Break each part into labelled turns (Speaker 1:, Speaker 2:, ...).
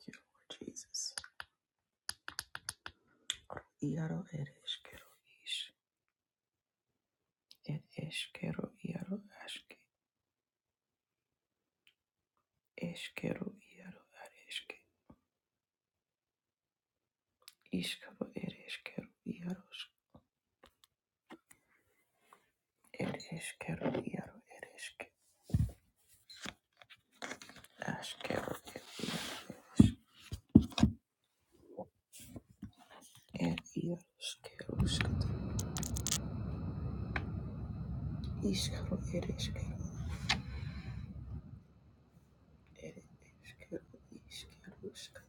Speaker 1: Thank you, Lord Jesus. Iaro ed eskero ish. Ed eskero iaro aske. Eskero iaro ad eske. Iskaro ed eskero iaro. Ed eskero iaro ed eske. Askero ed iaro. Ed iaro skero skat. Iskaro ed eskero. Ed eskero iskero skat.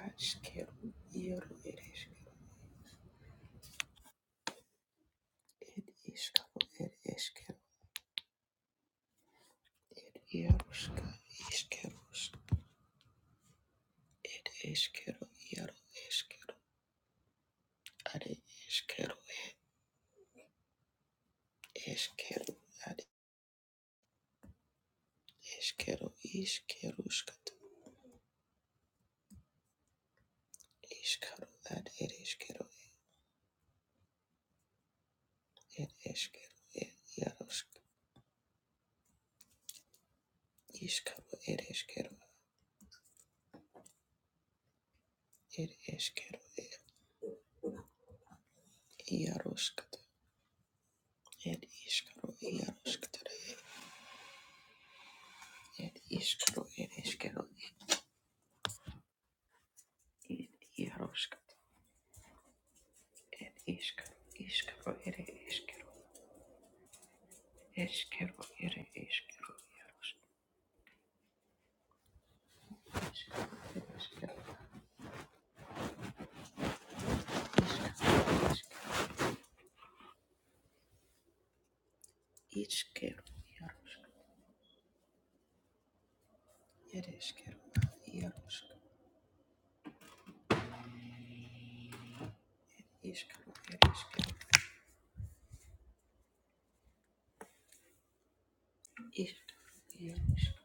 Speaker 1: Askero iaro ed eskero. Ed iskaro ed eskero. Iaro skat. Iskero Ed eskero, iaro eskero, are eskero, eskero, ad eskero, iskero, skato, iskaro, ad ed eskero, ed eskero, ed iaro, sk- iskaro, ed eskero, ed eskero, ed iaro, skato, ed iskaro, iaro, skatare, ed iskaro, ed eskero, ed iaro, skato, ed iskaro, iskaro, ed eskero, eskero, ed eskero, iaro, skato. Iskero, Yarosk, Ereskero, Yarosk, Iskero, Ereskero, Iskero, Yarosk,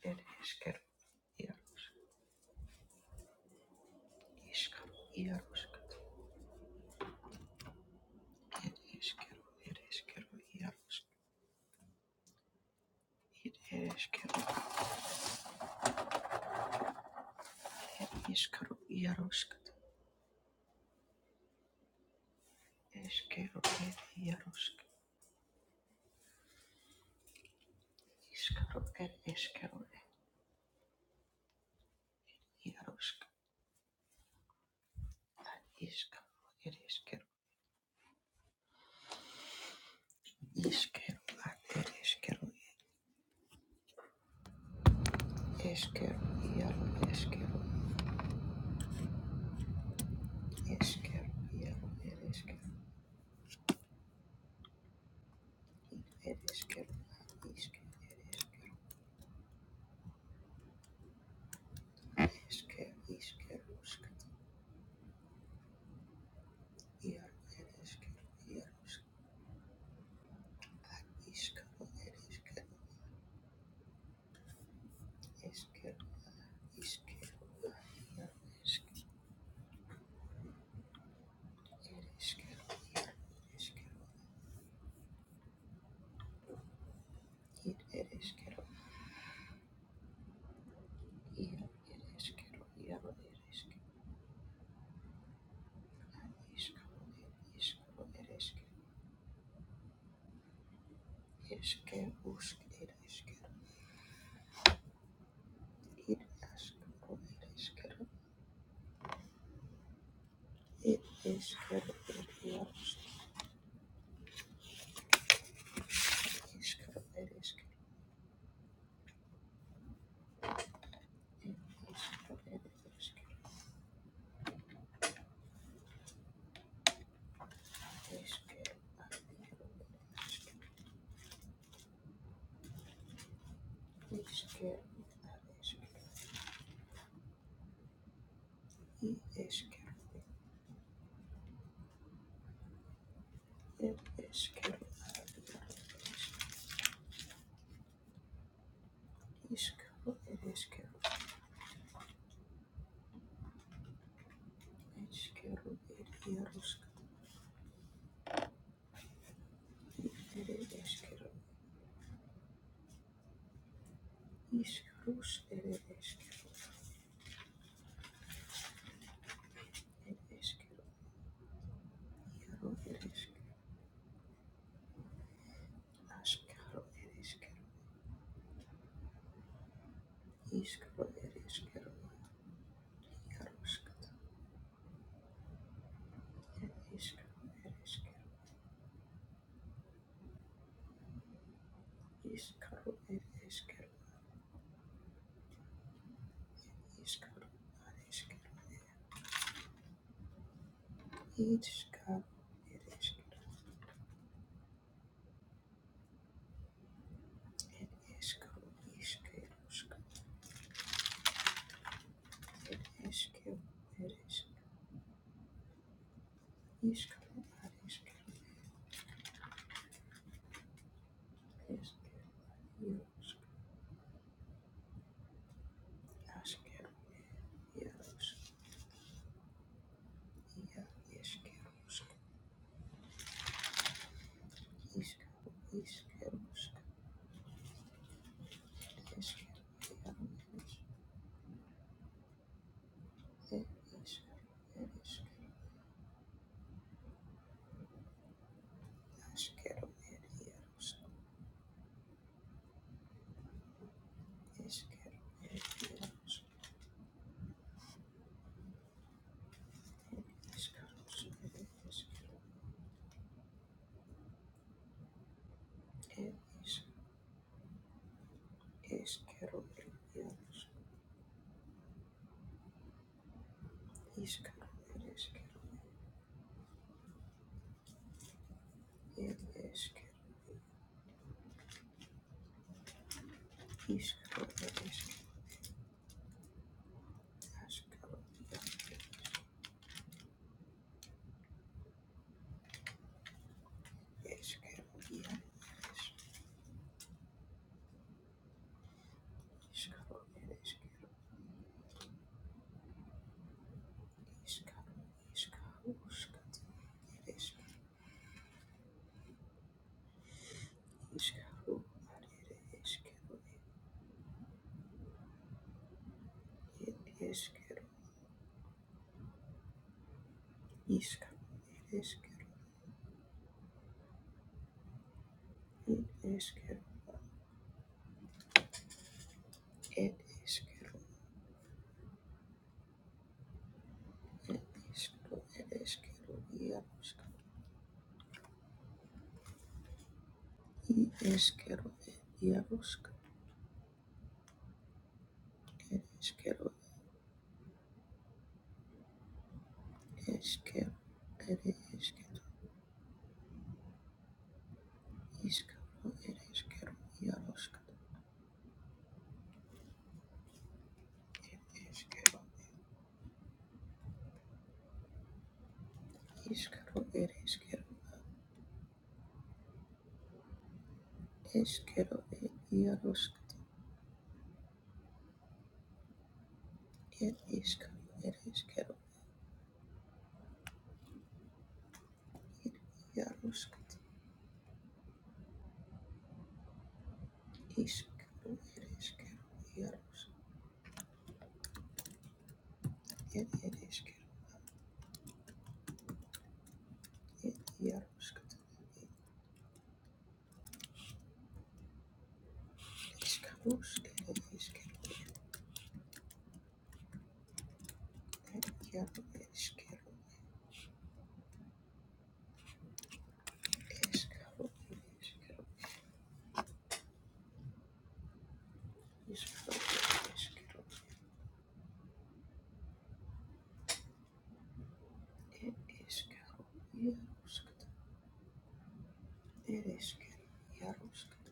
Speaker 1: Ereskero, Yarosk, Iskero, Yarosk, Ereskero, Ereskero, Yarosk, Ereskero, Iskero, Yarosk, Eskero, Ed, Yarosk, Iskero, Ed, Eskero, Ed, Yarosk, Ad, Iskero, Ereskero, Iskero, Ereskero, Eskero, Yarosk, Eskero, Eskero, iaro, ere eskero, ere eskero, a iske, ere eskero, eske, iskero, uska, iaro, ere eskero, iaro, uska, iskaro, ere eskero, eskero, iskero, a iaro, eske, ere eskero, iaro, eskero, ir, ere eskero, iaro, ere eskero, iaro, ere eskero, a iskaro, ere iskaro, ere eskero, eske, usk, ere eskero, ir, askaro, ere eskero, It is good. It is. It is good. It is good. It is good. It is good. It is good. It is good. It is good. It is good. It is good. It is good. It is good. It is good. It is good. Iskarus er eskero, er eskero, iaro er eskero, askaro er eskero, iskaro er eskero, iaro skata, er eskero er eskero. Iskaro ir iskero, iskaro ar iskero, iskaro ir iskero, ir iskaro, iskero, It is ir It is ir iskero, it is Kero, it is iskaro It is iskero, It is jarosk, askero, jarosk, ja, iskero, skaro, iskaro, iskero, skaro, iskero, jarosk, It is iskero, It is iskero, askero, ir jarosk, iskero, ir jarosk. Iskero, iskero, iskero, iskero, iskero, iskero, it is iskero, Eskero, eskero, iaroska, i eskero, iaroska, eskero, eskero, ere eskero, Iškero, ere eskero, iaroska, eskero, iskaro, ere eskero, eskero, ere iaroska, ere iskaro, ere eskero, ere iaroska, iskaro, ere eskero, iaroska, ere ere eskero, ere iaroska, iskaro, ere eskero, ere iaro, eskero, iaroska, Eskero, eskero, eskero, eskero, eskero, jaruskata, ereskero, jaruskata,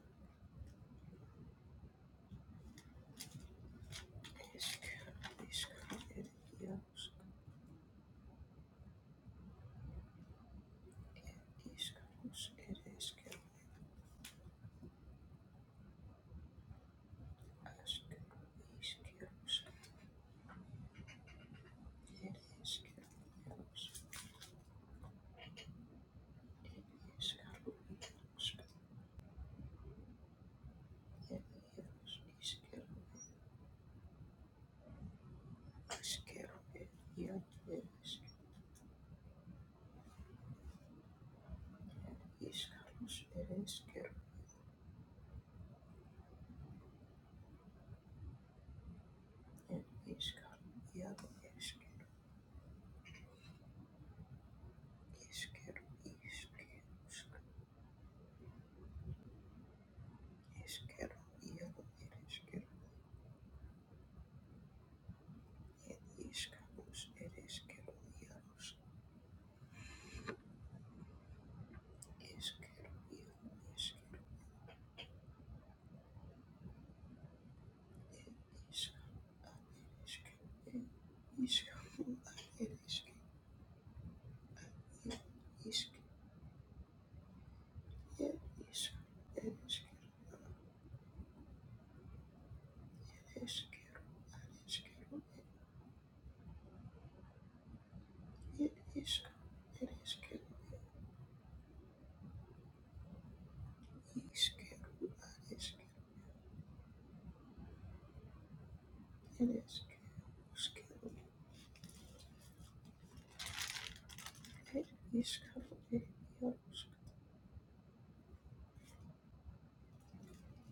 Speaker 1: eskero, eskero, er, jaruskata, iskarus, ereskero, askero, iskerus, ereskero, jarus, iskaru, jaruskata, er, jarus, iskero, askero, er, jar, ereskero, iskarus, ereskero, er, iskaru, jaru, eskero, iskeru, iskeru, iskeru, vyrų ir išskyrų, ir išskyrus, ir išskyrų, vyrus, išskyrų, vyrų, išskyrų, išskyrų, ir išskyrų, išskyrų, ir išskyrų, išskyrų, ir išskyrų, ir išskyrų, išskyrų, išskyrų, ir išskyrų, iskeru, išskyrų, išskyrų, ar išskyrų, ir išskyrų, išskyrų, ir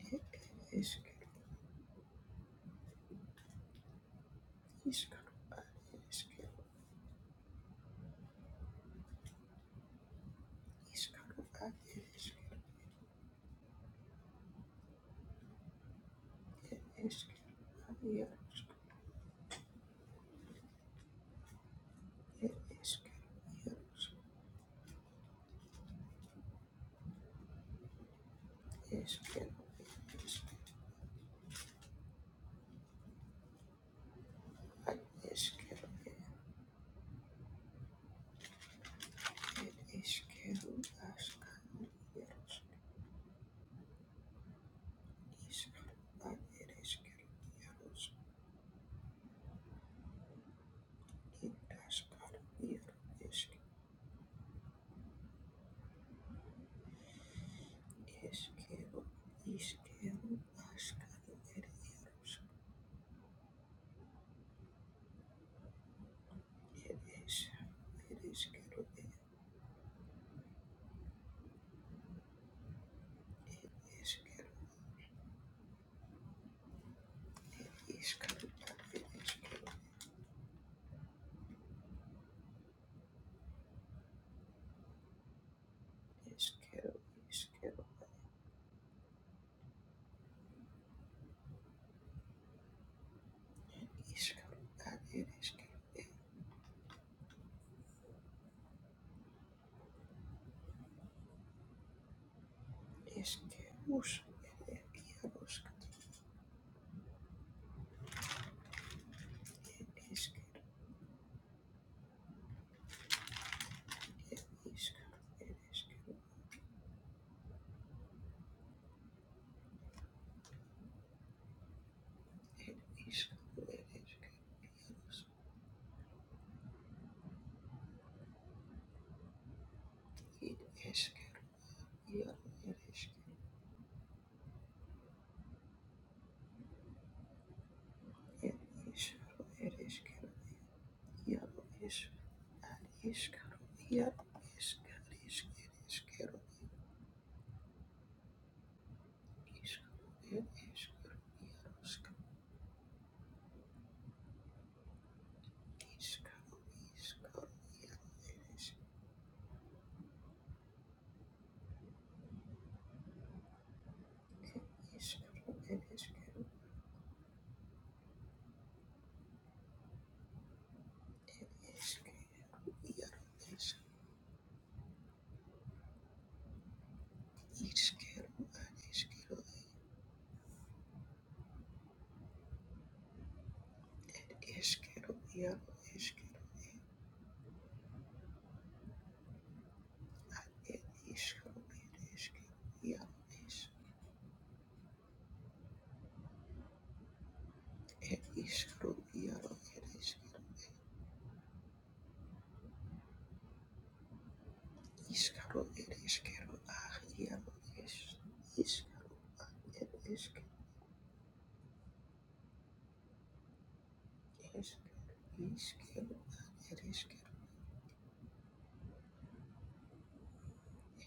Speaker 1: išskyrų, ir išskyrų, ir išskyrų. Ískarú að eskero, ískarú að eskero, er eskero að jarosk, er eskero jarosk, eskero, er eskero að eskero, er eskero að skarú jarosk, ískarú að er eskero jarosk, er askarú jarosk, eskero, ískarú að skarú er jarosk, er eskero, er eskero, er eskero. Iskaro ad ed eskero eskero iskero iskaro ad ed eskero ed eskerus ed ed iaroskatu ed eskero ed iskaro ed eskero ed iskaro ed eskero iaros ed eskero iaro ed eskero ed iskaro ed eskero iaro es ad iskaro iaro eskero ed eskero iskaro ed eskero iaros Iskaro, iskaro, iaro, ereske, iskaro, ereske, eske, iaro, esk, iskero, areskero, ed, eskero, iaro, eskero, ed, iskaro, ereske, iaro, esk, ed, iskaro, iaro, ereskero, iskaro, ereskero, ah, iaro, esk, iskaro, ed, esk, esk, iskero, ah, ereskero,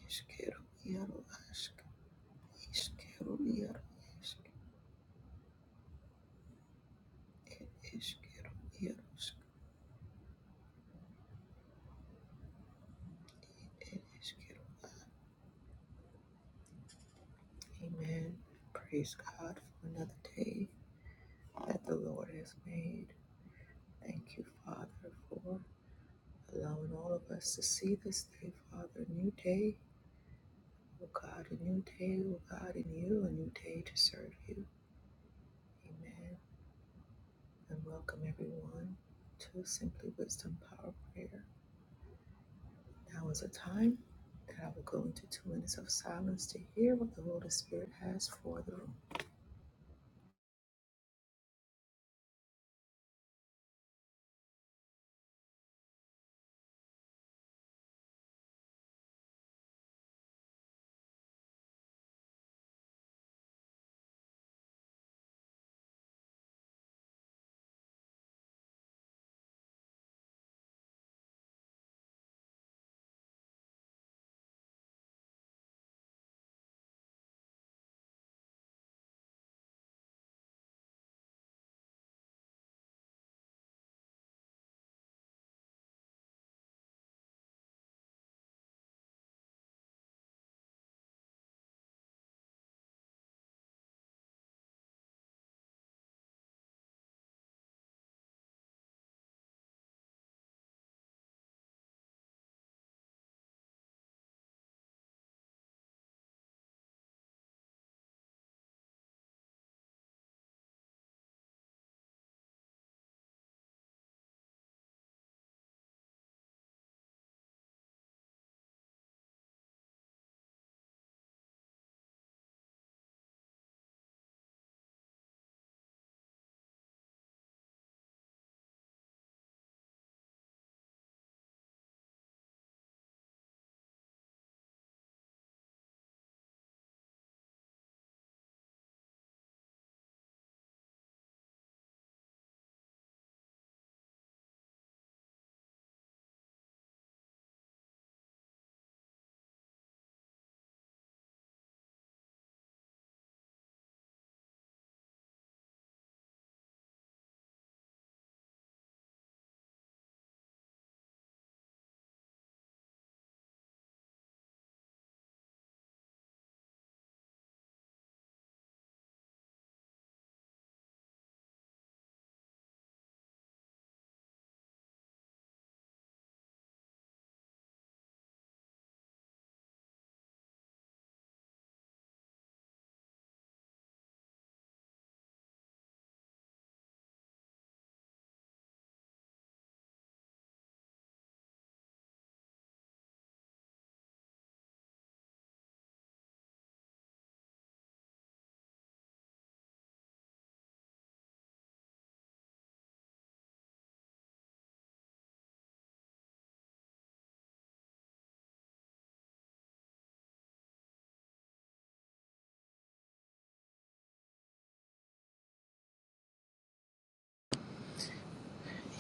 Speaker 1: eskero, iaro, ask, iskero, iaro, esk, It is good. It is it is good. Amen. Praise God for another day that the Lord has made. Thank you, Father, for allowing all of us to see this day, Father. A new day, oh God, a new day, oh God, in you, a new day to serve you. Amen. And welcome everyone to Simply Wisdom Power Prayer. Now is a time that I will go into two minutes of silence to hear what the Holy Spirit has for the room.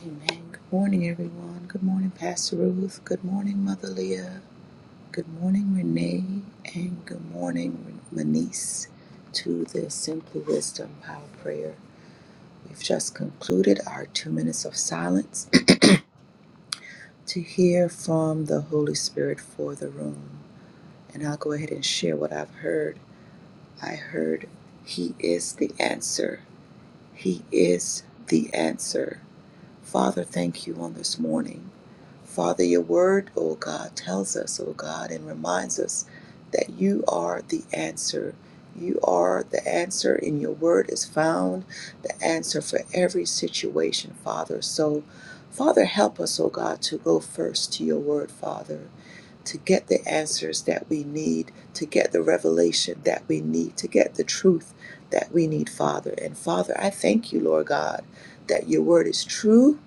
Speaker 1: Amen. Good morning, everyone. Good morning, Pastor Ruth. Good morning, Mother Leah. Good morning, Renee. And good morning, Manice, to the Simply Wisdom Power Prayer. We've just concluded our two minutes of silence to hear from the Holy Spirit for the room. And I'll go ahead and share what I've heard. I heard, He is the answer. He is the answer. Father, thank you on this morning. Father, your word, O God, tells us, O God, and reminds us that you are the answer. You are the answer, and your word is found the answer for every situation, Father. So, Father, help us, O God, to go first to your word, Father to get the answers that we need, to get the revelation that we need, to get the truth that we need, Father. And Father, I thank you, Lord God, that your word is true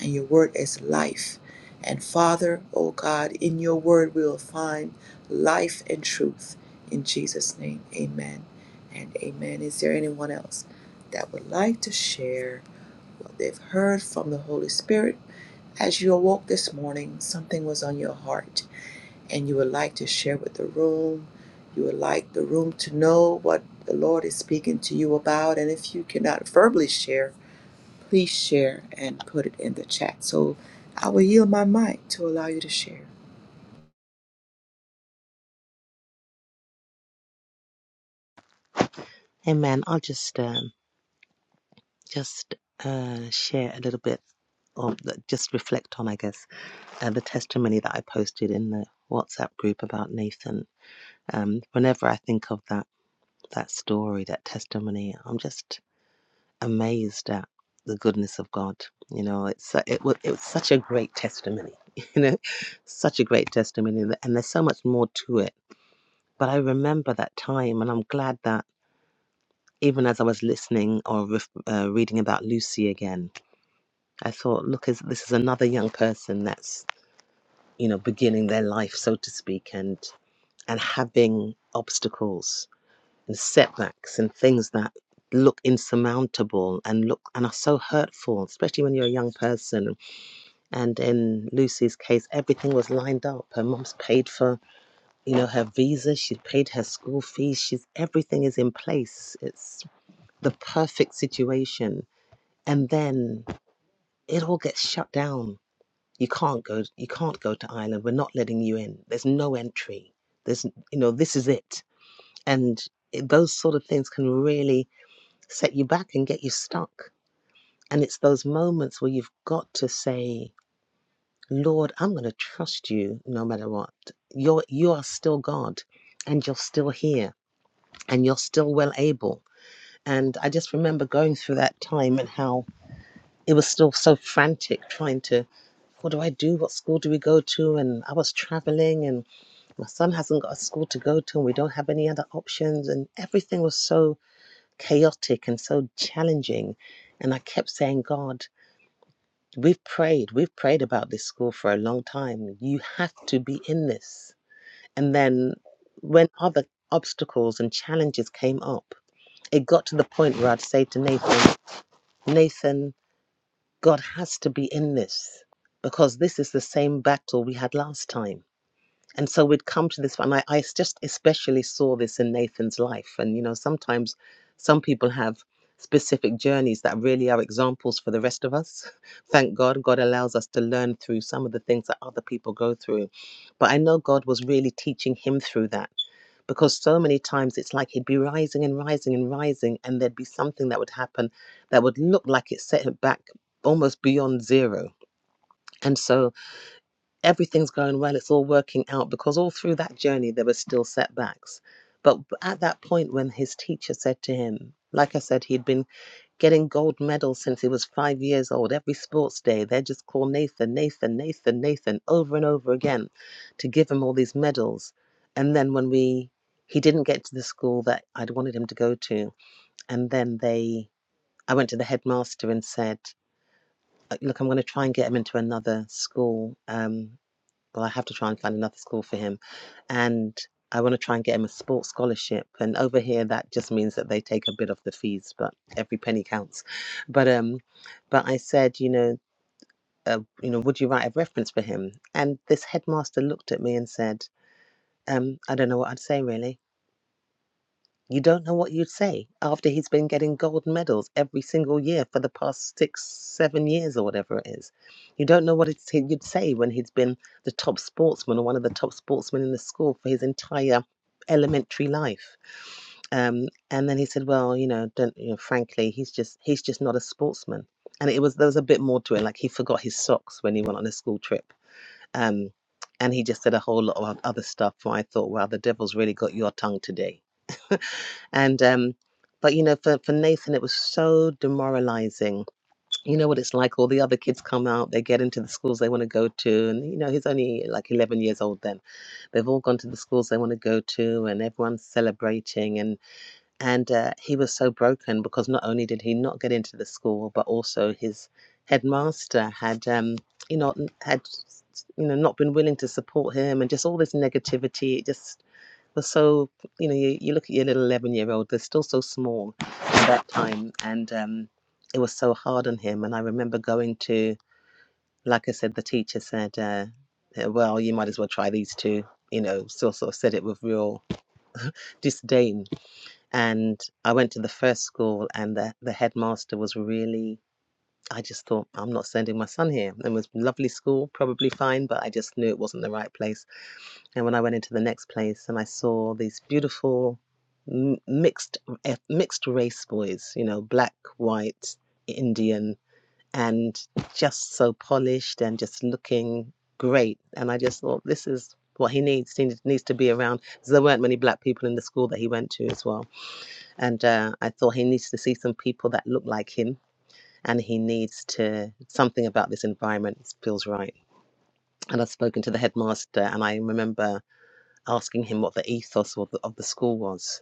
Speaker 1: and your word is life. And Father, oh God, in your word we will find life and truth. In Jesus' name, amen and amen. Is there anyone else that would like to share what they've heard from the Holy Spirit? As you awoke this morning, something was on your heart and you would like to share with the room. You would like the room to know what the Lord is speaking to you about. And if you cannot verbally share, please share and put it in the chat. So I will yield my mic to allow you to share.
Speaker 2: Amen. I'll just um, just uh, share a little bit or th- just reflect on, I guess, uh, the testimony that I posted in the WhatsApp group about Nathan. Um, whenever I think of that that story, that testimony, I'm just amazed at the goodness of God. You know, it's su- it was it was such a great testimony. You know, such a great testimony, and th- and there's so much more to it. But I remember that time, and I'm glad that even as I was listening or ref- uh, reading about Lucy again. I thought, look, is this is another young person that's you know beginning their life, so to speak, and and having obstacles and setbacks and things that look insurmountable and look and are so hurtful, especially when you're a young person. And in Lucy's case, everything was lined up. Her mom's paid for you know her visa, she's paid her school fees, she's everything is in place. It's the perfect situation, and then it all gets shut down you can't go you can't go to ireland we're not letting you in there's no entry there's you know this is it and it, those sort of things can really set you back and get you stuck and it's those moments where you've got to say lord i'm going to trust you no matter what you're you are still god and you're still here and you're still well able and i just remember going through that time and how it was still so frantic trying to what do i do what school do we go to and i was traveling and my son hasn't got a school to go to and we don't have any other options and everything was so chaotic and so challenging and i kept saying god we've prayed we've prayed about this school for a long time you have to be in this and then when other obstacles and challenges came up it got to the point where i'd say to nathan nathan god has to be in this because this is the same battle we had last time and so we'd come to this and I, I just especially saw this in nathan's life and you know sometimes some people have specific journeys that really are examples for the rest of us thank god god allows us to learn through some of the things that other people go through but i know god was really teaching him through that because so many times it's like he'd be rising and rising and rising and there'd be something that would happen that would look like it set him back almost beyond zero and so everything's going well, it's all working out, because all through that journey, there were still setbacks. But at that point, when his teacher said to him, like I said, he'd been getting gold medals since he was five years old. Every sports day, they just call Nathan, Nathan, Nathan, Nathan, over and over again to give him all these medals. And then when we, he didn't get to the school that I'd wanted him to go to. And then they, I went to the headmaster and said, "Uh, Look, I'm going to try and get him into another school. Um, well, I have to try and find another school for him. And I want to try and get him a sports scholarship. And over here, that just means that they take a bit of the fees, but every penny counts. But um, but I said, you know, uh, you know, would you write a reference for him? And this headmaster looked at me and said, um, I don't know what I'd say really you don't know what you'd say after he's been getting gold medals every single year for the past six, seven years, or whatever it is. You don't know what it's, you'd say when he's been the top sportsman or one of the top sportsmen in the school for his entire elementary life. Um, and then he said, "Well, you know, don't you know? Frankly, he's just he's just not a sportsman." And it was there was a bit more to it. Like he forgot his socks when he went on a school trip. Um, and he just said a whole lot of other stuff. Where I thought, wow, the devil's really got your tongue today and, um, but you know, for, for Nathan, it was so demoralizing. You know what it's like. All the other kids come out, they get into the schools they want to go to. And, you know, he's only like 11 years old then. They've all gone to the schools they want to go to, and everyone's celebrating. And, and uh, he was so broken because not only did he not get into the school, but also his headmaster had, um, you know, had, you know, not been willing to support him and just all this negativity. It just they're so, you know, you, you look at your little 11 year old, they're still so small at that time. And um, it was so hard on him. And I remember going to, like I said, the teacher said, uh, "Yeah, well, you might as well try these two, you know, still sort of said it with real disdain. And I went to the first school, and the, the headmaster was really, I just thought, I'm not sending my son here. It was a lovely school, probably fine, but I just knew it wasn't the right place. And when I went into the next place and I saw these beautiful mixed eh, mixed race boys, you know, black, white, Indian, and just so polished and just looking great. And I just thought, this is what he needs. He needs to be around. There weren't many black people in the school that he went to as well. And uh, I thought he needs to see some people that look like him. And he needs to something about this environment feels right. And I've spoken to the headmaster, and I remember asking him what the ethos of the, of the school was.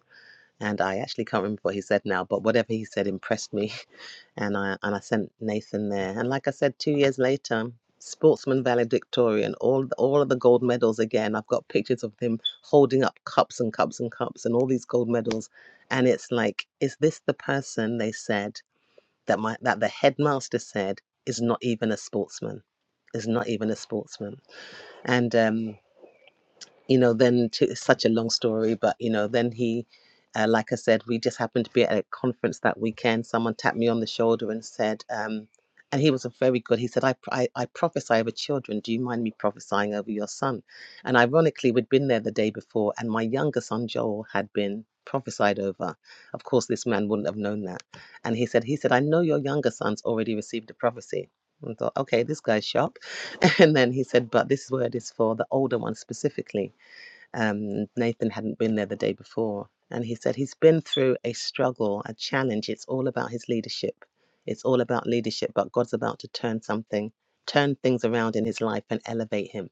Speaker 2: And I actually can't remember what he said now, but whatever he said impressed me. And I, and I sent Nathan there. And like I said, two years later, sportsman valedictorian, all, all of the gold medals again. I've got pictures of him holding up cups and cups and cups and all these gold medals. And it's like, is this the person they said that, my, that the headmaster said is not even a sportsman? Is not even a sportsman. And um, you know, then to, it's such a long story, but you know, then he, uh, like I said, we just happened to be at a conference that weekend. Someone tapped me on the shoulder and said, um, and he was a very good. He said, I, I, I prophesy over children. Do you mind me prophesying over your son? And ironically, we'd been there the day before, and my younger son Joel had been prophesied over. Of course, this man wouldn't have known that. And he said, he said, I know your younger son's already received a prophecy. And I thought, okay, this guy's sharp. And then he said, but this word is for the older one specifically. Um, Nathan hadn't been there the day before. And he said he's been through a struggle, a challenge. It's all about his leadership. It's all about leadership, but God's about to turn something, turn things around in his life and elevate him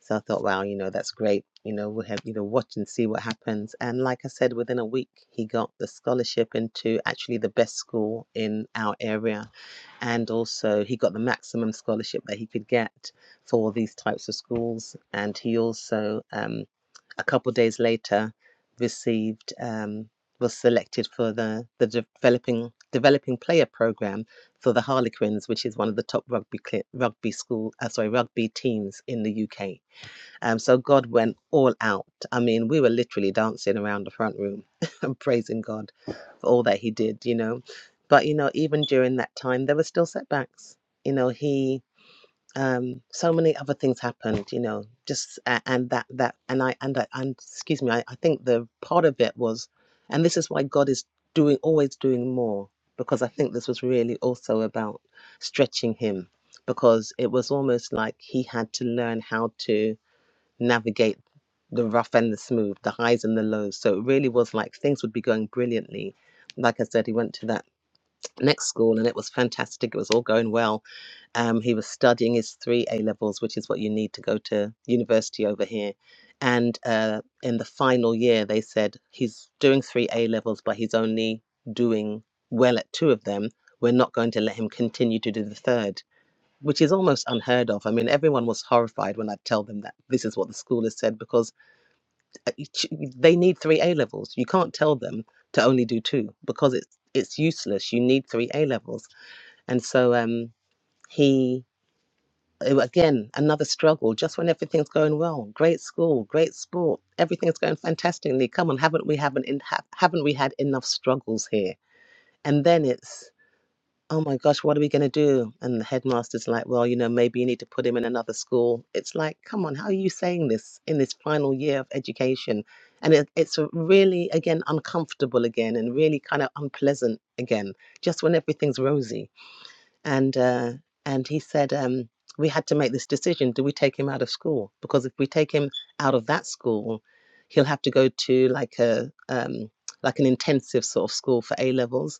Speaker 2: so I thought, wow, you know, that's great. You know, we'll have, you know, watch and see what happens. And like I said, within a week, he got the scholarship into actually the best school in our area. And also, he got the maximum scholarship that he could get for these types of schools. And he also, um, a couple of days later, received, um, was selected for the, the developing developing player program for the Harlequins, which is one of the top rugby rugby school, uh, sorry, rugby teams in the UK. Um, so God went all out. I mean, we were literally dancing around the front room and praising God for all that He did, you know. But, you know, even during that time, there were still setbacks. You know, He, um, so many other things happened, you know, just, a- and that, that, and I, and I, and excuse me, I, I think the part of it was, and this is why God is doing, always doing more, because I think this was really also about stretching Him, because it was almost like He had to learn how to navigate the rough and the smooth, the highs and the lows. So it really was like things would be going brilliantly. Like I said, he went to that next school and it was fantastic. It was all going well. Um, he was studying his three A levels, which is what you need to go to university over here. And uh, in the final year, they said he's doing three A levels, but he's only doing well at two of them. We're not going to let him continue to do the third which is almost unheard of. I mean, everyone was horrified when I tell them that this is what the school has said because uh, ch- they need three A levels. You can't tell them to only do two because it's it's useless. You need three A levels, and so um, he uh, again another struggle. Just when everything's going well, great school, great sport, everything's going fantastically. Come on, haven't we haven't in, ha- haven't we had enough struggles here? And then it's oh my gosh, what are we going to do? And the headmaster's like, well, you know, maybe you need to put him in another school. It's like, come on, how are you saying this in this final year of education? And it, it's a really, again, uncomfortable again and really kind of unpleasant again, just when everything's rosy. And, uh, and he said, um, we had to make this decision. Do we take him out of school? Because if we take him out of that school, he'll have to go to like a, um, like an intensive sort of school for A levels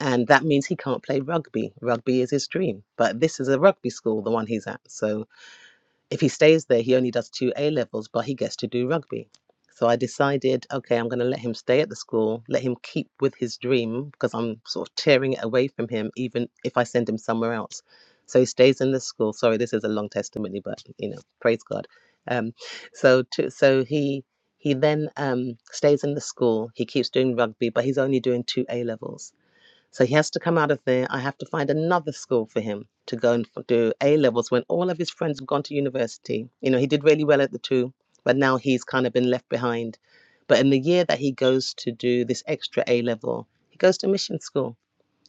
Speaker 2: and that means he can't play rugby. Rugby is his dream, but this is a rugby school, the one he's at. So if he stays there, he only does two A levels, but he gets to do rugby. So I decided, okay, I'm going to let him stay at the school, let him keep with his dream because I'm sort of tearing it away from him, even if I send him somewhere else. So he stays in the school. Sorry, this is a long testimony, but you know, praise God. Um, so to, so he he then um, stays in the school. He keeps doing rugby, but he's only doing two A levels. So he has to come out of there. I have to find another school for him to go and do A levels when all of his friends have gone to university. You know, he did really well at the two, but now he's kind of been left behind. But in the year that he goes to do this extra A level, he goes to mission school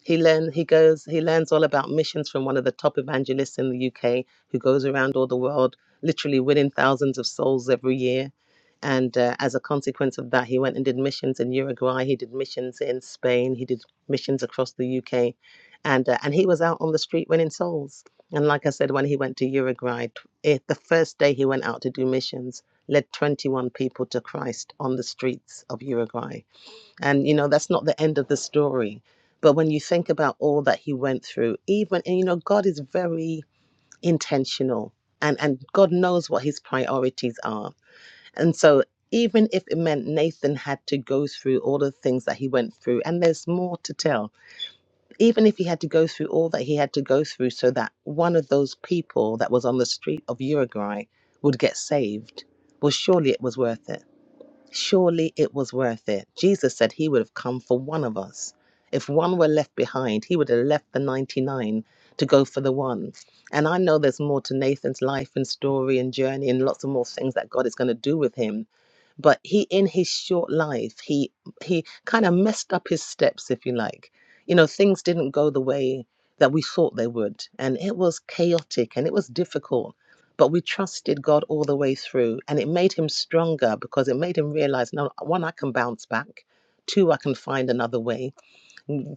Speaker 2: he learn he goes he learns all about missions from one of the top evangelists in the UK who goes around all the world, literally winning thousands of souls every year. And uh, as a consequence of that, he went and did missions in Uruguay. He did missions in Spain. He did missions across the UK, and uh, and he was out on the street winning souls. And like I said, when he went to Uruguay, tw- eh, the first day he went out to do missions, led 21 people to Christ on the streets of Uruguay and, you know, that's not the end of the story. But when you think about all that he went through, even, and, you know, God is very intentional and, and God knows what his priorities are. And so, even if it meant Nathan had to go through all the things that he went through, and there's more to tell, even if he had to go through all that he had to go through so that one of those people that was on the street of Uruguay would get saved, well, surely it was worth it Surely it was worth it. Jesus said he would have come for one of us. If one were left behind, he would have left the 99 to go for the one. And I know there's more to Nathan's life and story and journey and lots of more things that God is going to do with him but he in his short life he he kind of messed up his steps if you like you know things didn't go the way that we thought they would and it was chaotic and it was difficult but we trusted god all the way through and it made him stronger because it made him realize no one i can bounce back two i can find another way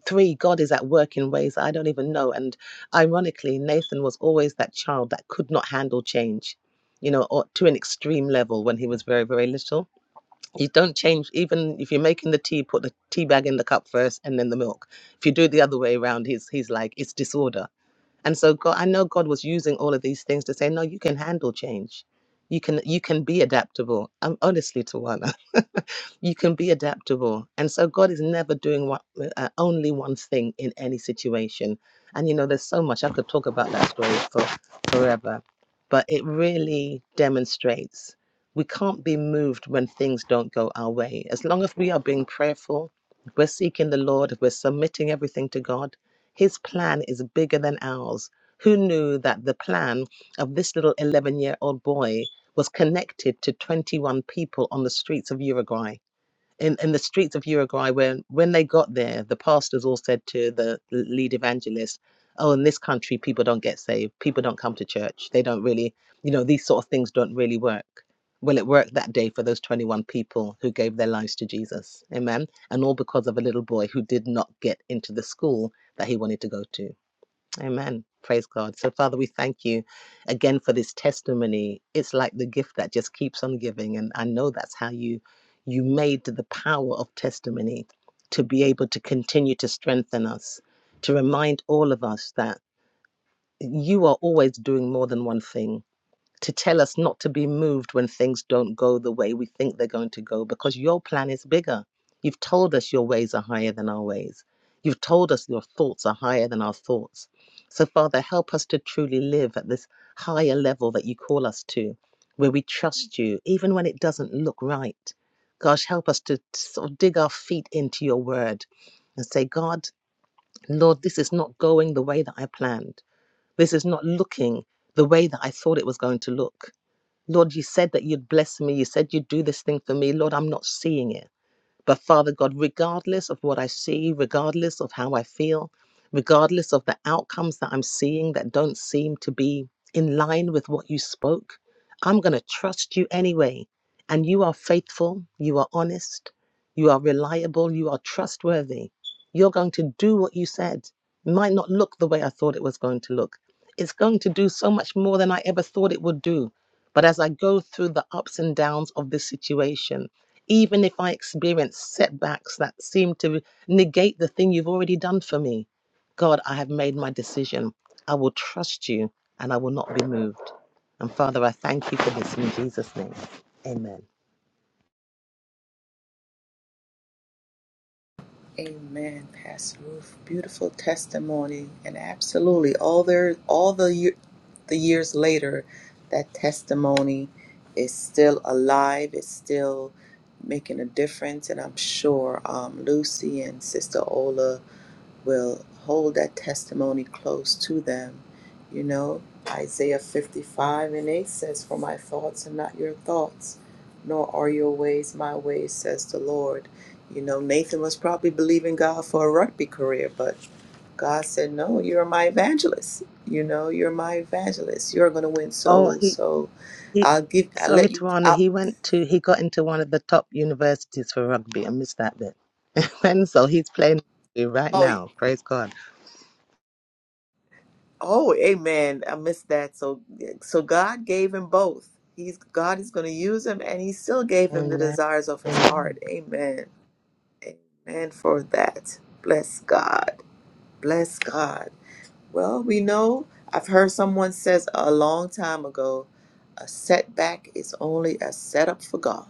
Speaker 2: three god is at work in ways i don't even know and ironically nathan was always that child that could not handle change you know or to an extreme level when he was very very little you don't change even if you're making the tea put the tea bag in the cup first and then the milk if you do it the other way around he's he's like it's disorder and so god i know god was using all of these things to say no you can handle change you can you can be adaptable i'm honestly to you can be adaptable and so god is never doing one uh, only one thing in any situation and you know there's so much i could talk about that story for forever but it really demonstrates we can't be moved when things don't go our way as long as we are being prayerful if we're seeking the lord if we're submitting everything to god his plan is bigger than ours who knew that the plan of this little 11 year old boy was connected to 21 people on the streets of uruguay in, in the streets of Uruguay, when when they got there, the pastors all said to the lead evangelist, "Oh, in this country, people don't get saved. People don't come to church. They don't really, you know, these sort of things don't really work." Well, it worked that day for those 21 people who gave their lives to Jesus. Amen. And all because of a little boy who did not get into the school that he wanted to go to. Amen. Praise God. So, Father, we thank you again for this testimony. It's like the gift that just keeps on giving, and I know that's how you you made the power of testimony to be able to continue to strengthen us, to remind all of us that you are always doing more than one thing to tell us not to be moved when things don't go the way we think they're going to go because your plan is bigger. You've told us your ways are higher than our ways. You've told us your thoughts are higher than our thoughts. So, Father, help us to truly live at this higher level that you call us to, where we trust you, even when it doesn't look right. Gosh, help us to sort of dig our feet into your word and say, God, Lord, this is not going the way that I planned. This is not looking the way that I thought it was going to look Lord, you said that you'd bless me. You said you'd do this thing for me. Lord, I'm not seeing it. But Father God, regardless of what I see, regardless of how I feel, regardless of the outcomes that I'm seeing that don't seem to be in line with what you spoke, I'm going to trust you anyway. And you are faithful, you are honest, you are reliable, you are trustworthy. You're going to do what you said. It might not look the way I thought it was going to look. It's going to do so much more than I ever thought it would do. But as I go through the ups and downs of this situation, even if I experience setbacks that seem to negate the thing you've already done for me. God, I have made my decision. I will trust you and I will not be moved. And Father, I thank you for this in Jesus' name. Amen.
Speaker 1: Amen, Pastor Ruth. Beautiful testimony, and absolutely all there, all the year, the years later, that testimony is still alive. It's still making a difference, and I'm sure um, Lucy and Sister Ola will hold that testimony close to them. You know, Isaiah 55 and 8 says, For my thoughts are not your thoughts, nor are your ways my ways, says the Lord. You know, Nathan was probably believing God for a rugby career, but God said, No, you're my evangelist. You know, you're my evangelist. You're going to win
Speaker 2: Oh,
Speaker 1: souls.
Speaker 2: he,
Speaker 1: So
Speaker 2: he
Speaker 1: I'll give, I'll
Speaker 2: sorry,
Speaker 1: let you,
Speaker 2: Tawana,
Speaker 1: I'll,
Speaker 2: he went to, he got into one of the top universities for rugby. I missed that bit. And so he's playing rugby right
Speaker 1: oh,
Speaker 2: now. Praise God.
Speaker 1: Oh, amen. I missed that. So so God gave him both. He's God is going to use him and he still gave him the
Speaker 2: Amen.
Speaker 1: desires of his heart.
Speaker 2: Amen.
Speaker 1: Amen. Amen for that. Bless God. Bless God. Well, we know I've heard someone says a long time ago, a setback is only a setup for God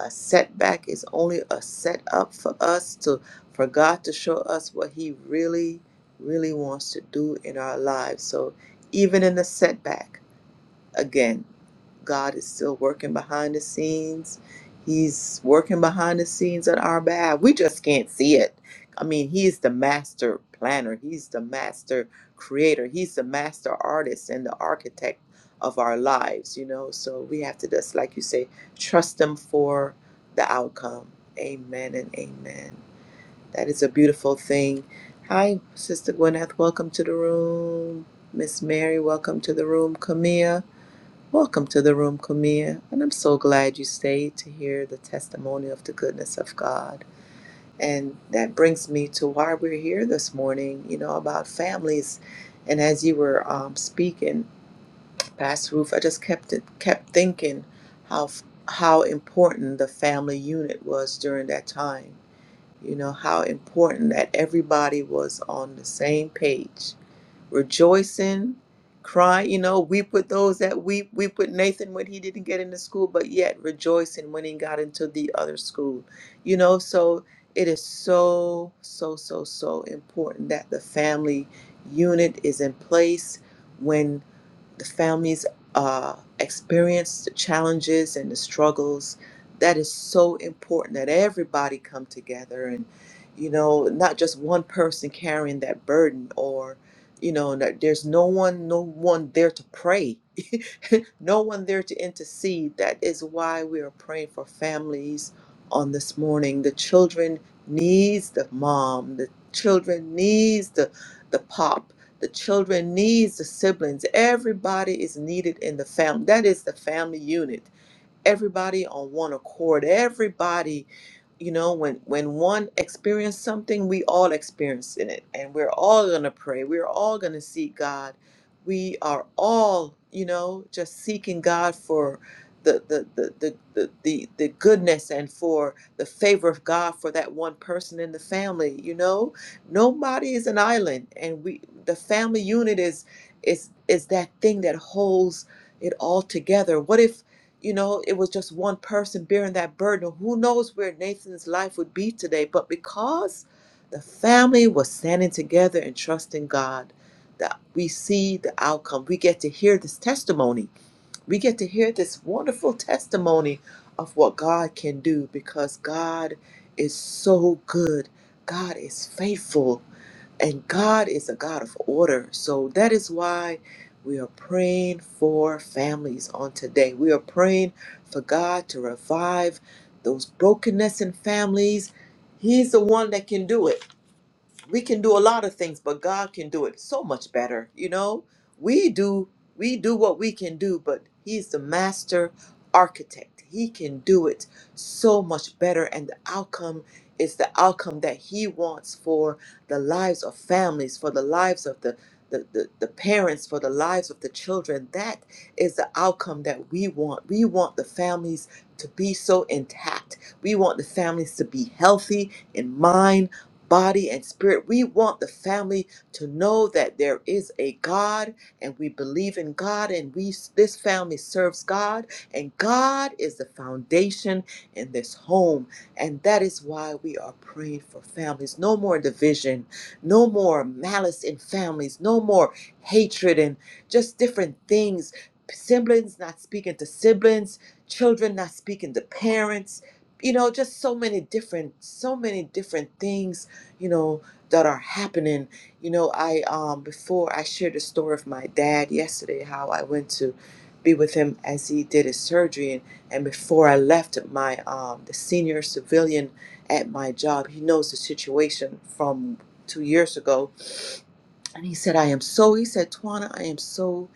Speaker 1: a setback is only a setup for us to for God to show us what he really really wants to do in our lives. So even in the setback again, God is still working behind the scenes. He's working behind the scenes on our behalf. We just can't see it. I mean, he's the master planner, he's the master creator, he's the master artist and the architect of our lives, you know. So we have to just, like you say, trust him for the outcome. Amen and amen. That is a beautiful thing. Hi, Sister Gwyneth. Welcome to the room. Miss Mary, welcome to the room. Camille. Welcome to the room, Camille, and I'm so glad you stayed to hear the testimony of the goodness of God. And that brings me to why we're here this morning, you know, about families. And as you were um, speaking, Pastor Ruth, I just kept it, kept thinking how f- how important the family unit was during that time you know, how important that everybody was on the same page, rejoicing, crying. You know, weep with those that weep. Weep with Nathan when he didn't get into school, but yet rejoicing when he got into the other school. You know, so it is so, so, so, so important that the family unit is in place when the families uh, experience the challenges and the struggles that is so important that everybody come together and you know not just one person carrying that burden or you know that there's no one no one there to pray no one there to intercede that is why we are praying for families on this morning the children needs the mom the children needs the the pop the children needs the siblings. Everybody is needed in the family. That is the family unit everybody on one accord everybody you know when when one experienced something we all experience in it and we're all going to pray we're all going to seek god we are all you know just seeking god for the the, the the the the the goodness and for the favor of god for that one person in the family you know nobody is an island and we the family unit is is is that thing that holds it all together what if you know, it was just one person bearing that burden. Who knows where Nathan's life would be today? But because the family was standing together and trusting God, that we see the outcome. We get to hear this testimony. We get to hear this wonderful testimony of what God can do because God is so good. God is faithful. And God is a God of order. So that is why we are praying for families on today. We are praying for God to revive those brokenness in families. He's the one that can do it we can do a lot of things but god can do it so much better you know we do we do what we can do but he's the master architect he can do it so much better and the outcome is the outcome that he wants for the lives of families for the lives of the the, the, the parents for the lives of the children that is the outcome that we want we want the families to be so intact we want the families to be healthy in mind body and spirit. We want the family to know that there is a God and we believe in God and we this family serves God and God is the foundation in this home and that is why we are praying for families. No more division, no more malice in families, no more hatred and just different things. Siblings not speaking to siblings, children not speaking to parents, you know, just so many different, so many different things you know that are happening you know i um before i shared the story of my dad yesterday how i went to be with him as he did his surgery and, and before i left my um the senior civilian at my job he knows the situation from two years ago and he said i am so he said twana i am so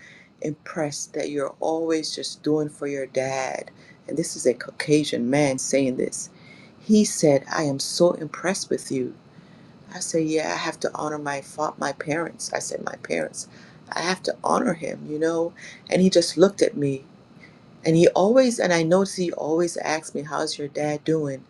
Speaker 1: impressed that you're always just doing for your dad and this is a caucasian man saying this he said i am so impressed with you I said, yeah, I have to honor my fa- my parents. I said, my parents. I have to honor him, you know? And he just looked at me. And he always, and I noticed he always asked me, how's your dad doing?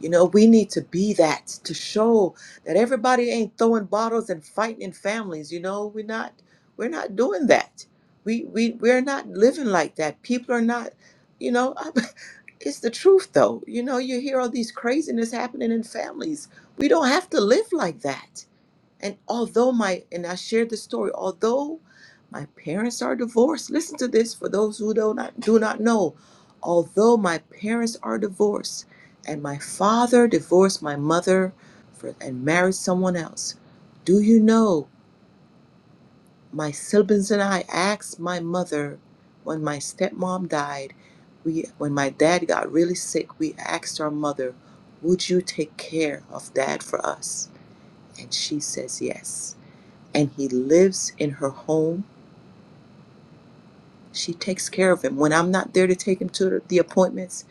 Speaker 1: You know, we need to be that to show that everybody ain't throwing bottles and fighting in families. You know, we're not, we're not doing that. We, we, we're not living like that. People are not, you know, it's the truth though. You know, you hear all these craziness happening in families. We don't have to live like that and although my, and I shared the story, although my parents are divorced, listen to this for those who do not, do not know. Although my parents are divorced and my father divorced my mother for, and married someone else, do you know my siblings and I asked my mother when my stepmom died, we, when my dad got really sick, we asked our mother, would you take care of dad for us? And she says yes and he lives in her home. She takes care of him. When I'm not there to take him to the appointments,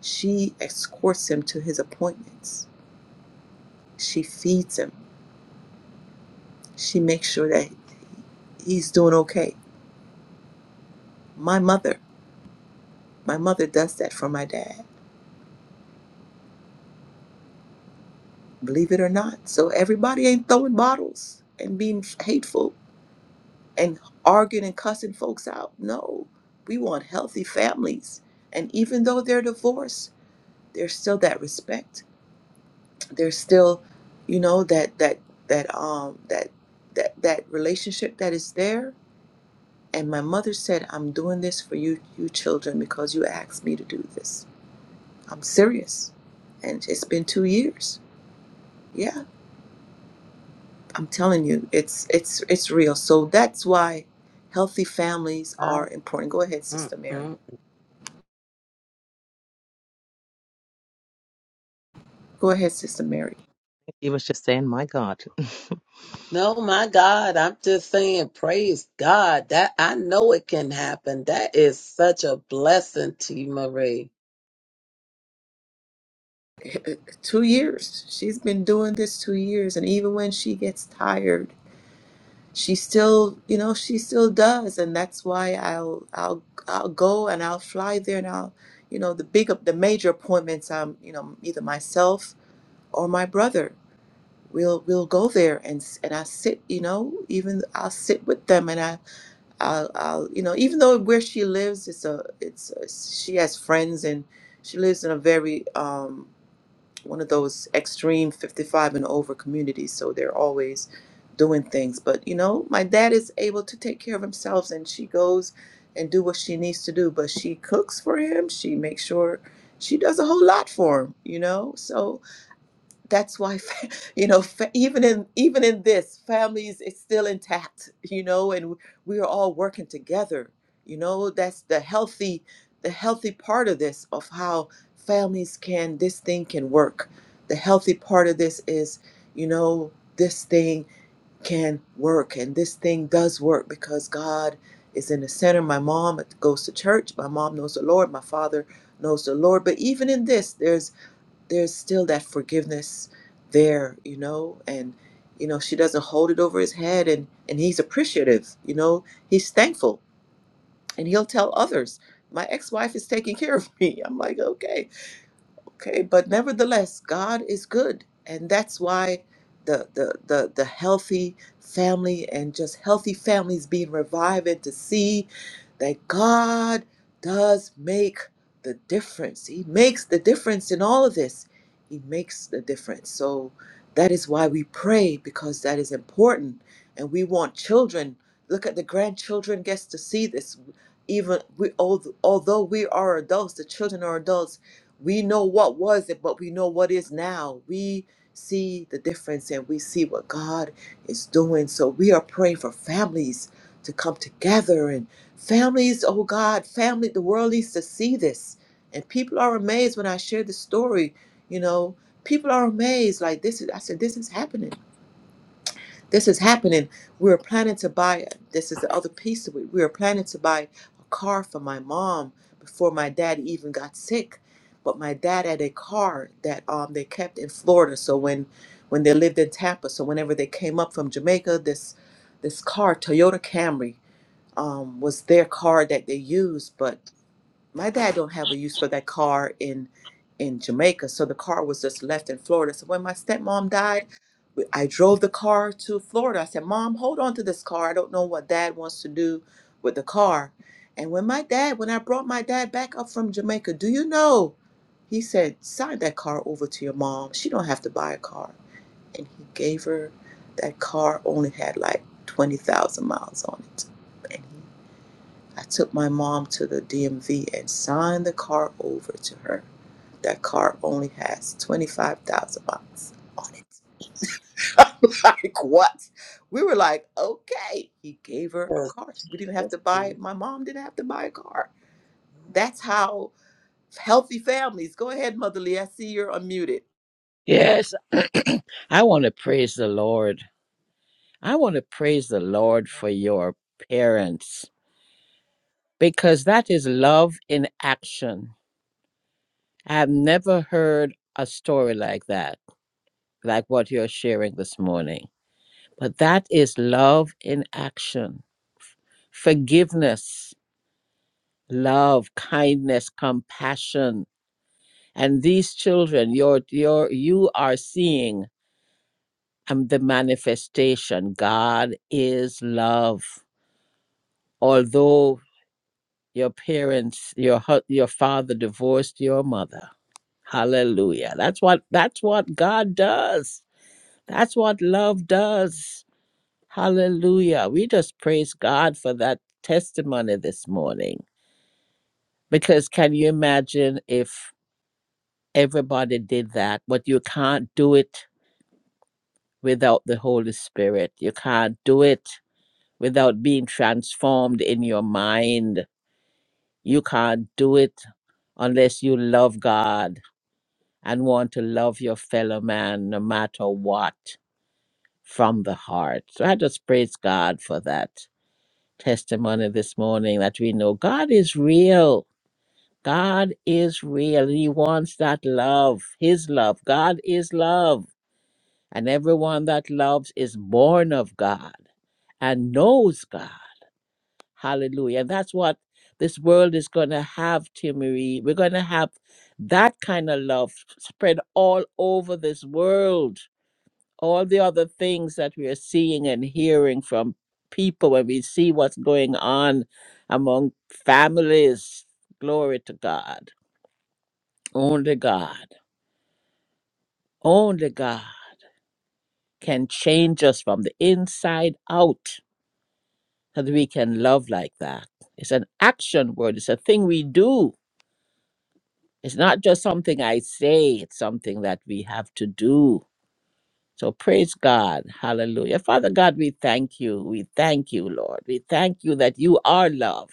Speaker 1: she escorts him to his appointments. She feeds him. She makes sure that he's doing okay. My mother, my mother does that for my dad, believe it or not. So everybody ain't throwing bottles and being hateful and arguing and cussing folks out. No, we want healthy families. And even though they're divorced, there's still that respect there's still you know that that that um that that that relationship that is there and my mother said i'm doing this for you you children because you asked me to do this i'm serious and it's been two years yeah i'm telling you it's it's it's real so that's why healthy families
Speaker 3: I-
Speaker 1: are important go ahead sister mary
Speaker 3: mm-mm.
Speaker 1: go ahead sister mary
Speaker 2: He was just saying, my God.
Speaker 3: No, my God, I'm just saying, praise God. That I know
Speaker 2: uh
Speaker 3: it can happen. That is such a blessing to you, Marie.
Speaker 1: two years she's been doing this two years and even when she gets tired she still you know she still does and that's why i'll i'll i'll go and i'll fly there and i'll you know the big the major appointments i'm you know either myself or my brother we'll we'll go there and s- and i sit you know even i'll sit with them and i i'll, I'll you know even though where she lives it's a it's a, she has friends and she lives in a very um one of those extreme 55 and over communities so they're always doing things but you know my dad is able to take care of himself and she goes and do what she needs to do but she cooks for him she makes sure she does a whole lot for him you know so that's why fa- you know fa- even in even in this families is still intact you know and we are all working together you know that's the healthy the healthy part of this of how families can this thing can work the healthy part of this is you know this thing can work and this thing does work because god is in the center my mom goes to church my mom knows the lord my father knows the lord but even in this there's there's still that forgiveness there, you know, and you know, she doesn't hold it over his head and and he's appreciative, you know, he's thankful and he'll tell others, my ex-wife is taking care of me. I'm like, okay, Okay, but nevertheless, God is good, and that's why the the the, the healthy family and just healthy families being revived and to see that God does make the difference. He makes the difference in all of this. He makes the difference. So that is why we pray because that is important, and we want children. Look at the grandchildren gets to see this. Even we, although although we are adults, the children are adults we know what was it, but we know what is now. We see the difference and we see what God is doing. So we are praying for families to come together and families, oh God, family, the world needs to see this. And people are amazed when I share the story, you know, people are amazed like this is, I said, this is happening this is happening. We were planning to buy, this is the other piece of it. We were planning to buy a car for my mom before my dad even got sick. But my dad had a car that um, they kept in Florida. So when, when they lived in Tampa, so whenever they came up from Jamaica, this, this car, Toyota Camry, um, was their car that they used. But my dad don't have a use for that car in in Jamaica, so the car was just left in Florida. So when my stepmom died, we- I drove the car to Florida. I said, "Mom, hold on to this car. I don't know what Dad wants to do with the car." And when my dad, when I brought my dad back up from Jamaica, do you know? He said, "Sign that car over to your mom. She don't have to buy a car." And he gave her that car. Only had like twenty thousand miles on it. I took my mom to the DMV and signed the car over to her. That car only has 25,000 miles on it. I'm like, what? We were like, okay. He gave her a
Speaker 3: Yes,
Speaker 1: car. We didn't have
Speaker 3: yes,
Speaker 1: to buy, it.
Speaker 3: yes.
Speaker 1: my mom didn't have to buy a car. That's how healthy families. Go ahead, Mother Leah. I see you're unmuted.
Speaker 4: Yes, I want to praise the Lord. I want to praise the Lord for your parents because that is love in action. I have never heard a story like that, like what you're sharing this morning. But that is love in action, forgiveness, love, kindness, compassion. And these children, you're, you're, you are seeing um, the manifestation. God is love. although your parents your hu- your father divorced your mother hallelujah that's what that's what god does that's what love does hallelujah we just praise god for that testimony this morning because can you imagine if everybody did that but you can't do it without the holy spirit you can't do it without being transformed in your mind You can't do it unless you love God and want to love your fellow man no matter what from the heart. So I just praise God for that testimony this morning that we know God is real. God is real. He wants that love, His love. God is love. And everyone that loves is born of God and knows God. Hallelujah. And That's what this world is going to have, Tia Marie. We're going to have that kind of love spread all over this world. All the other things that we are seeing and hearing from people when we see what's going on among families. Glory to God. Only God, only God can change us from the inside out so that we can love like that. It's an action word, it's a thing we do It's not just something I say, it's something that we have to do. So praise God. Hallelujah. Father God, we thank you. We thank you, Lord. We thank you that you are love,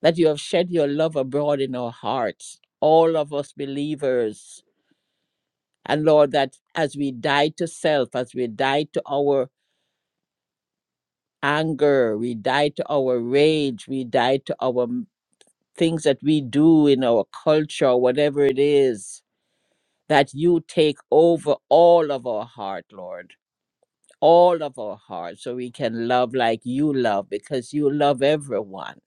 Speaker 4: that you have shed your love abroad in our hearts, all of us believers. And Lord, that as we die to self, as we die to our anger, we die to our rage, we die to our m- things that we do in our culture, whatever it is, that you take over all of our heart, Lord, all of our heart, so we can love like you love because you love everyone.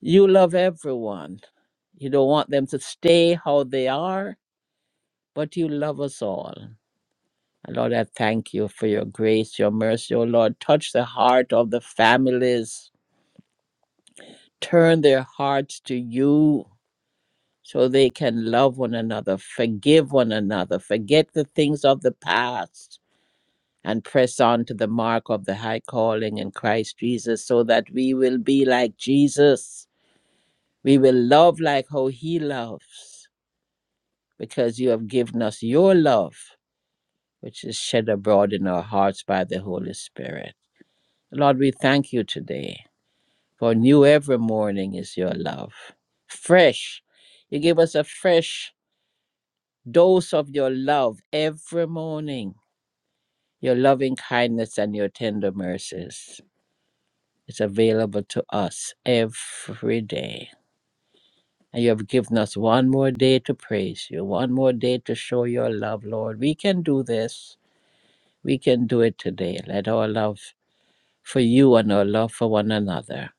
Speaker 4: You love everyone. You don't want them to stay how they are, but you love us all. And Lord, I thank you for your grace, your mercy, oh Lord. Touch the heart of the families, turn their hearts to you. So they can love one another, forgive one another, forget the things of the past, and press on to the mark of the high calling in Christ Jesus so that we will be like Jesus. We will love like how he loves because you have given us your love, which is shed abroad in our hearts by the Holy Spirit. Lord, we thank you today for new every morning is your love. Fresh. You give us a fresh dose of your love every morning, your loving kindness and your tender mercies. It's available to us every day. And you have given us one more day to praise you, one more day to show your love, Lord. We can do this. We can do it today. Let our love for you and our love for one another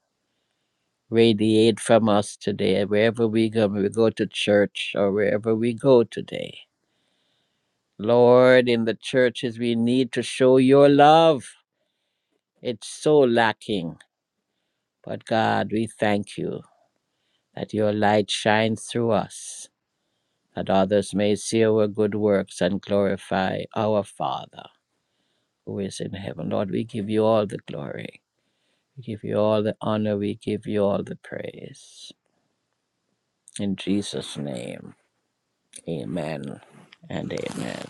Speaker 4: radiate from us today, wherever we go. We go to church or wherever we go today. Lord, in the churches, we need to show your love. It's so lacking. But God, we thank you that your light shines through us that others may see our good works and glorify our Father who is in heaven. Lord, we give you all the glory. We give you all the honor. We give you all the praise. In Jesus' name, amen and amen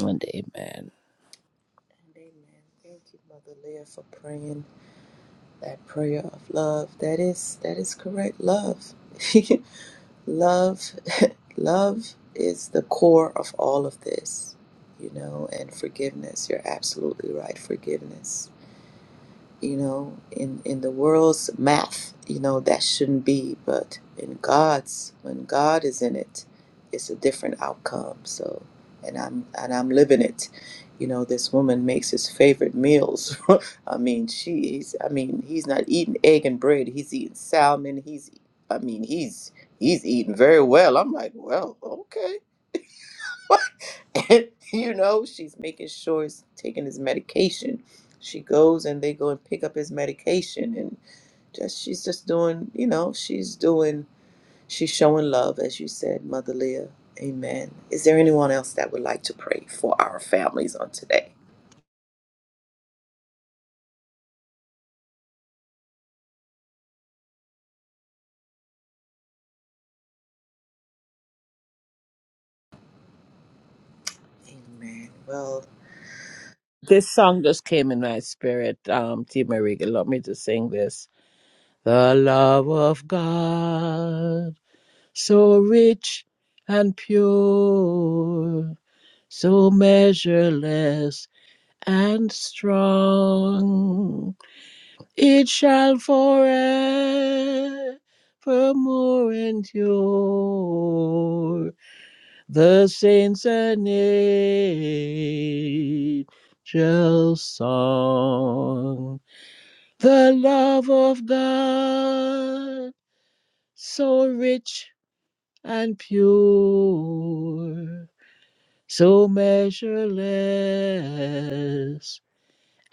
Speaker 4: and amen.
Speaker 1: And amen. Thank you, Mother Leah, for praying that prayer of love. That is, that is correct love. love love is the core of all of this you know and forgiveness you're absolutely right forgiveness you know in in the world's math you know that shouldn't be but in god's when god is in it it's a different outcome so and i'm and i'm living it you know this woman makes his favorite meals i mean she's i mean he's not eating egg and bread he's eating salmon he's i mean he's he's eating very well i'm like well okay And you know, she's making sure he's taking his medication. She goes and they go and pick up his medication and just she's just doing, you know, she's doing she's showing love as you said, Mother Leah. Amen. Is there anyone else that would like to pray for our families on today? Amen. Well,
Speaker 4: This song just came in my spirit. Um, T. Marie allowed me to sing this. The love of God, so rich and pure, so measureless and strong. It shall forevermore endure. The saints and angels' song. The love of God, so rich and pure, so measureless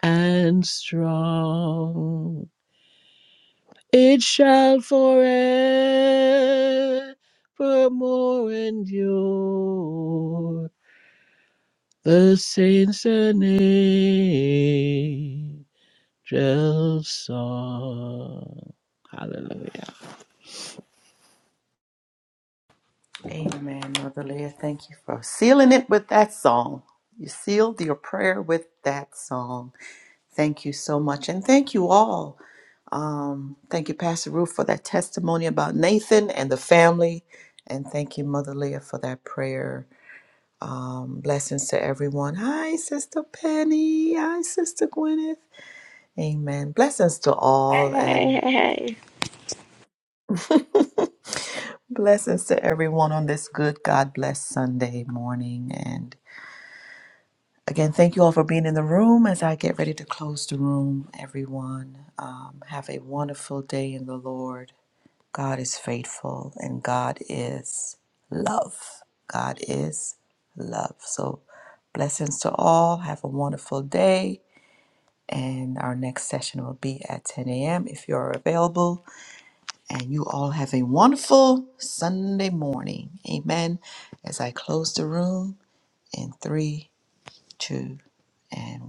Speaker 4: and strong. It shall forevermore endure. The saints and angels song. Hallelujah.
Speaker 1: amen, Mother Leah. Thank you for sealing it with that song. You sealed your prayer with that song. Thank you so much. And thank you all. Um, thank you, Pastor Ruth, for that testimony about Nathan and the family. And thank you, Mother Leah, for that prayer. Um, blessings to everyone. Hi, Sister Penny. Hi, Sister Gwyneth. Amen. Blessings to
Speaker 5: Hey,
Speaker 1: all
Speaker 5: hey,
Speaker 1: and
Speaker 5: hey. hey.
Speaker 1: blessings to everyone on this good God bless Sunday morning. And again, thank you all for being in the room as I get ready to close the room, everyone. Um, have a wonderful day in the Lord. God is faithful and God is love. God is love. So, blessings to all. Have a wonderful day. And our next session will be at 10 a.m. if you're available. And you all have a wonderful Sunday morning. Amen. As I close the room in three, two, and one.